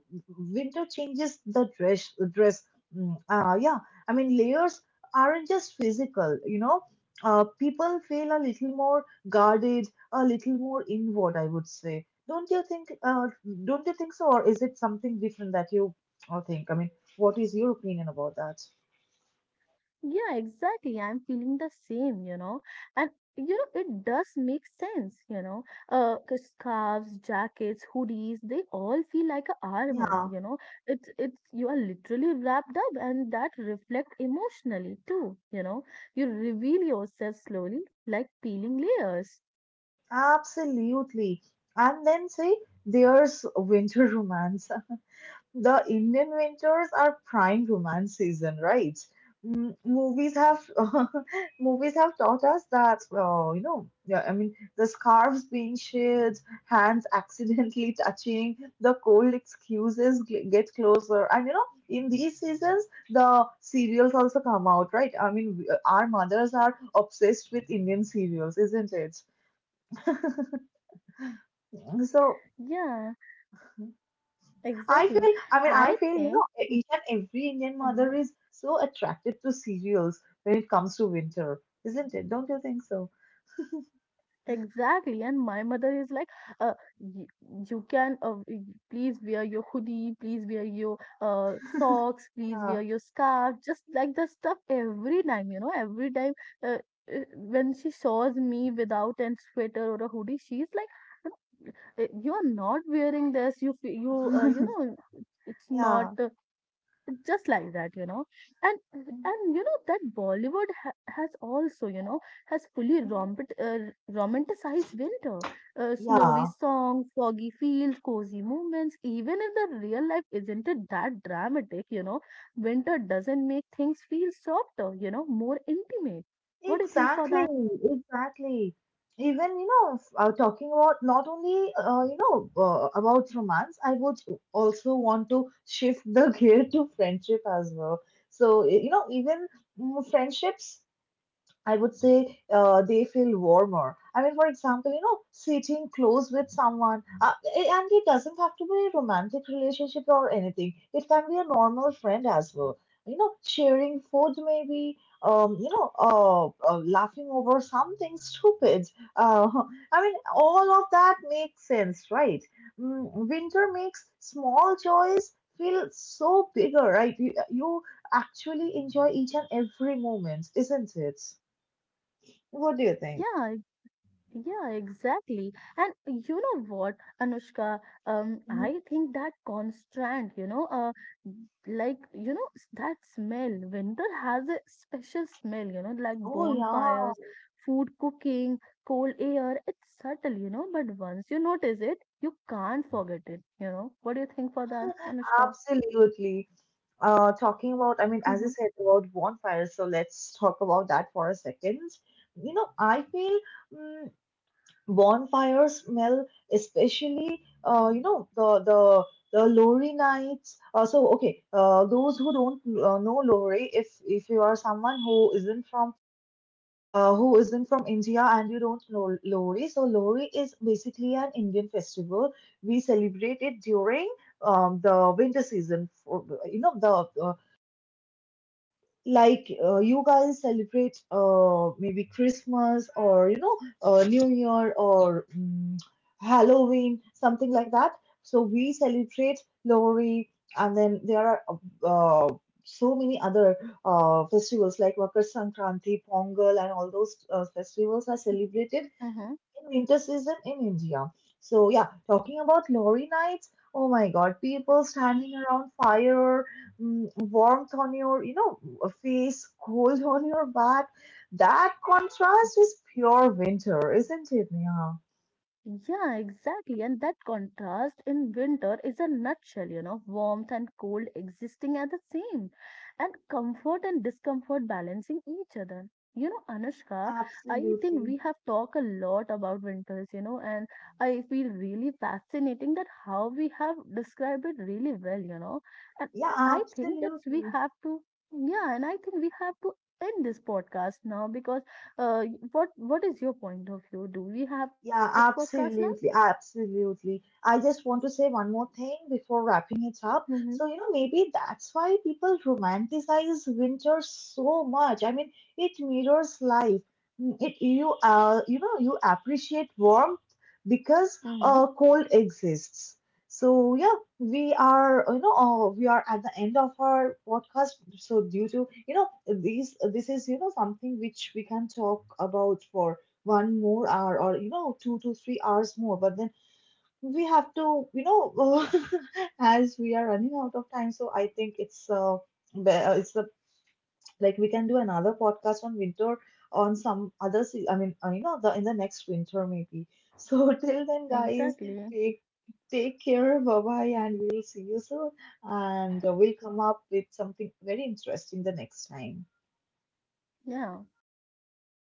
winter changes the dress. Yeah, I mean layers aren't just physical, you know. People feel a little more guarded, a little more inward, I would say. Don't you think? Don't you think so, or is it something different that you think? I mean, what is your opinion about that?
Yeah, exactly. I'm feeling the same, you know. And you know, it does make sense, you know. 'Cause scarves, jackets, hoodies, they all feel like a armor,
Yeah,
you know. It's you are literally wrapped up and that reflect emotionally too, you know. You reveal yourself slowly, like peeling layers.
absolutely. And then say there's winter romance. The Indian winters are prime romance season, right? Movies have movies have taught us that, yeah, I mean, the scarves being shared, hands accidentally touching, the cold excuses get closer, and you know, in these seasons, the serials also come out, right? I mean, our mothers are obsessed with Indian serials, isn't it? So.
Yeah,
I feel,
exactly.
I mean,
I
I feel, you
think.
know, e, each and every Indian
Mhm.
mother is so attracted to cereals when it comes to winter, isn't it? Don't you think so?
Exactly, and my mother is like, uh, y- you can please wear your hoodie, please wear your socks, please
Yeah.
wear your scarf, just like the stuff every time, you know, every time uh, when she shows me without an sweater or a hoodie, she's like, You are not wearing this, you fe- you you know, it's not
Yeah.
just like that, you know." And you know that Bollywood has also, you know, has fully
Mhm.
romped, romanticized winter, snowy
Yeah,
songs, foggy fields, cozy moments, even if the real life isn't it that dramatic, you know. Winter doesn't make things feel softer, you know, more intimate. What do you think for
exactly,
that?
exactly. Even, you know, talking about not only, about romance, I would also want to shift the gear to friendship as well. So, you know, even friendships I would say they feel warmer. I mean, for example, you know, sitting close with someone, and it doesn't have to be a romantic relationship or anything. It can be a normal friend as well. You know, sharing food maybe, laughing over something stupid. Uh, I mean, all of that makes sense, right? Winter makes small joys feel so bigger, right? You actually enjoy each and every moment, isn't it? What do you think?
Yeah. Yeah, exactly. And you know what, Anushka,
Mhm.
I think that constant, you know, that smell, winter has a special smell, you know, like
Oh
bonfires,
yeah,
food cooking, cold air. It's subtle, you know, but once you notice it, you can't forget it, you know. What do you think for that, Anushka?
absolutely. Talking about, I mean, as you said about bonfires, so let's talk about that for a second. You know, I feel mm, bonfires smell, especially the the lorry nights. So okay, those who don't know lorry, if you are someone who isn't from India and you don't know Lohri? So Lohri is basically an Indian festival. We celebrate it during the winter season. For, you know, the uh, like you guys celebrate, maybe Christmas, or you know, New Year, or Halloween, something like that. So we celebrate Lori, and then there are uh, so many other festivals like Makar Sankranti, Pongal, and all those festivals are celebrated
Mm-hmm,
in winter season in India. So yeah, talking about lorry nights. Oh my God, people
mm-hmm.
standing around fire, warmth on your, you know, face, cold on your back. That contrast is pure winter, isn't it, Neha?
Yeah, exactly. And that contrast in winter is a nutshell, you know, warmth and cold existing at the same, and comfort and discomfort balancing each other. You know, Anushka, I think we
Absolutely.
have talked a lot about winters, you know, and I feel really fascinating that how we have described it really well, you know. And
Yeah,
I think that we
absolutely.
have to, yeah, and I think we have to end this podcast now because what is your point of view? Do we have to
Yeah,
end this podcast now?
absolutely, absolutely. I just want to say one more thing before wrapping it up.
Mm-hmm.
So, you know, maybe that's why people romanticize winter so much. I mean, it mirrors life. It you appreciate warmth because
Mm-hmm.
cold exists. So yeah, we are we are at the end of our podcast. So due to you know these this is you know something which we can talk about for 1 more hour or you know 2 to 3 hours more, but then we have to you know as we are running out of time, so I think it's be- it's the like we can do another podcast on winter on some other se- I mean, you know, the in the next winter maybe. So till then guys,
Exactly.
take take care, bye bye, and we'll see you soon, and we'll come up with something very interesting the next time.
Yeah.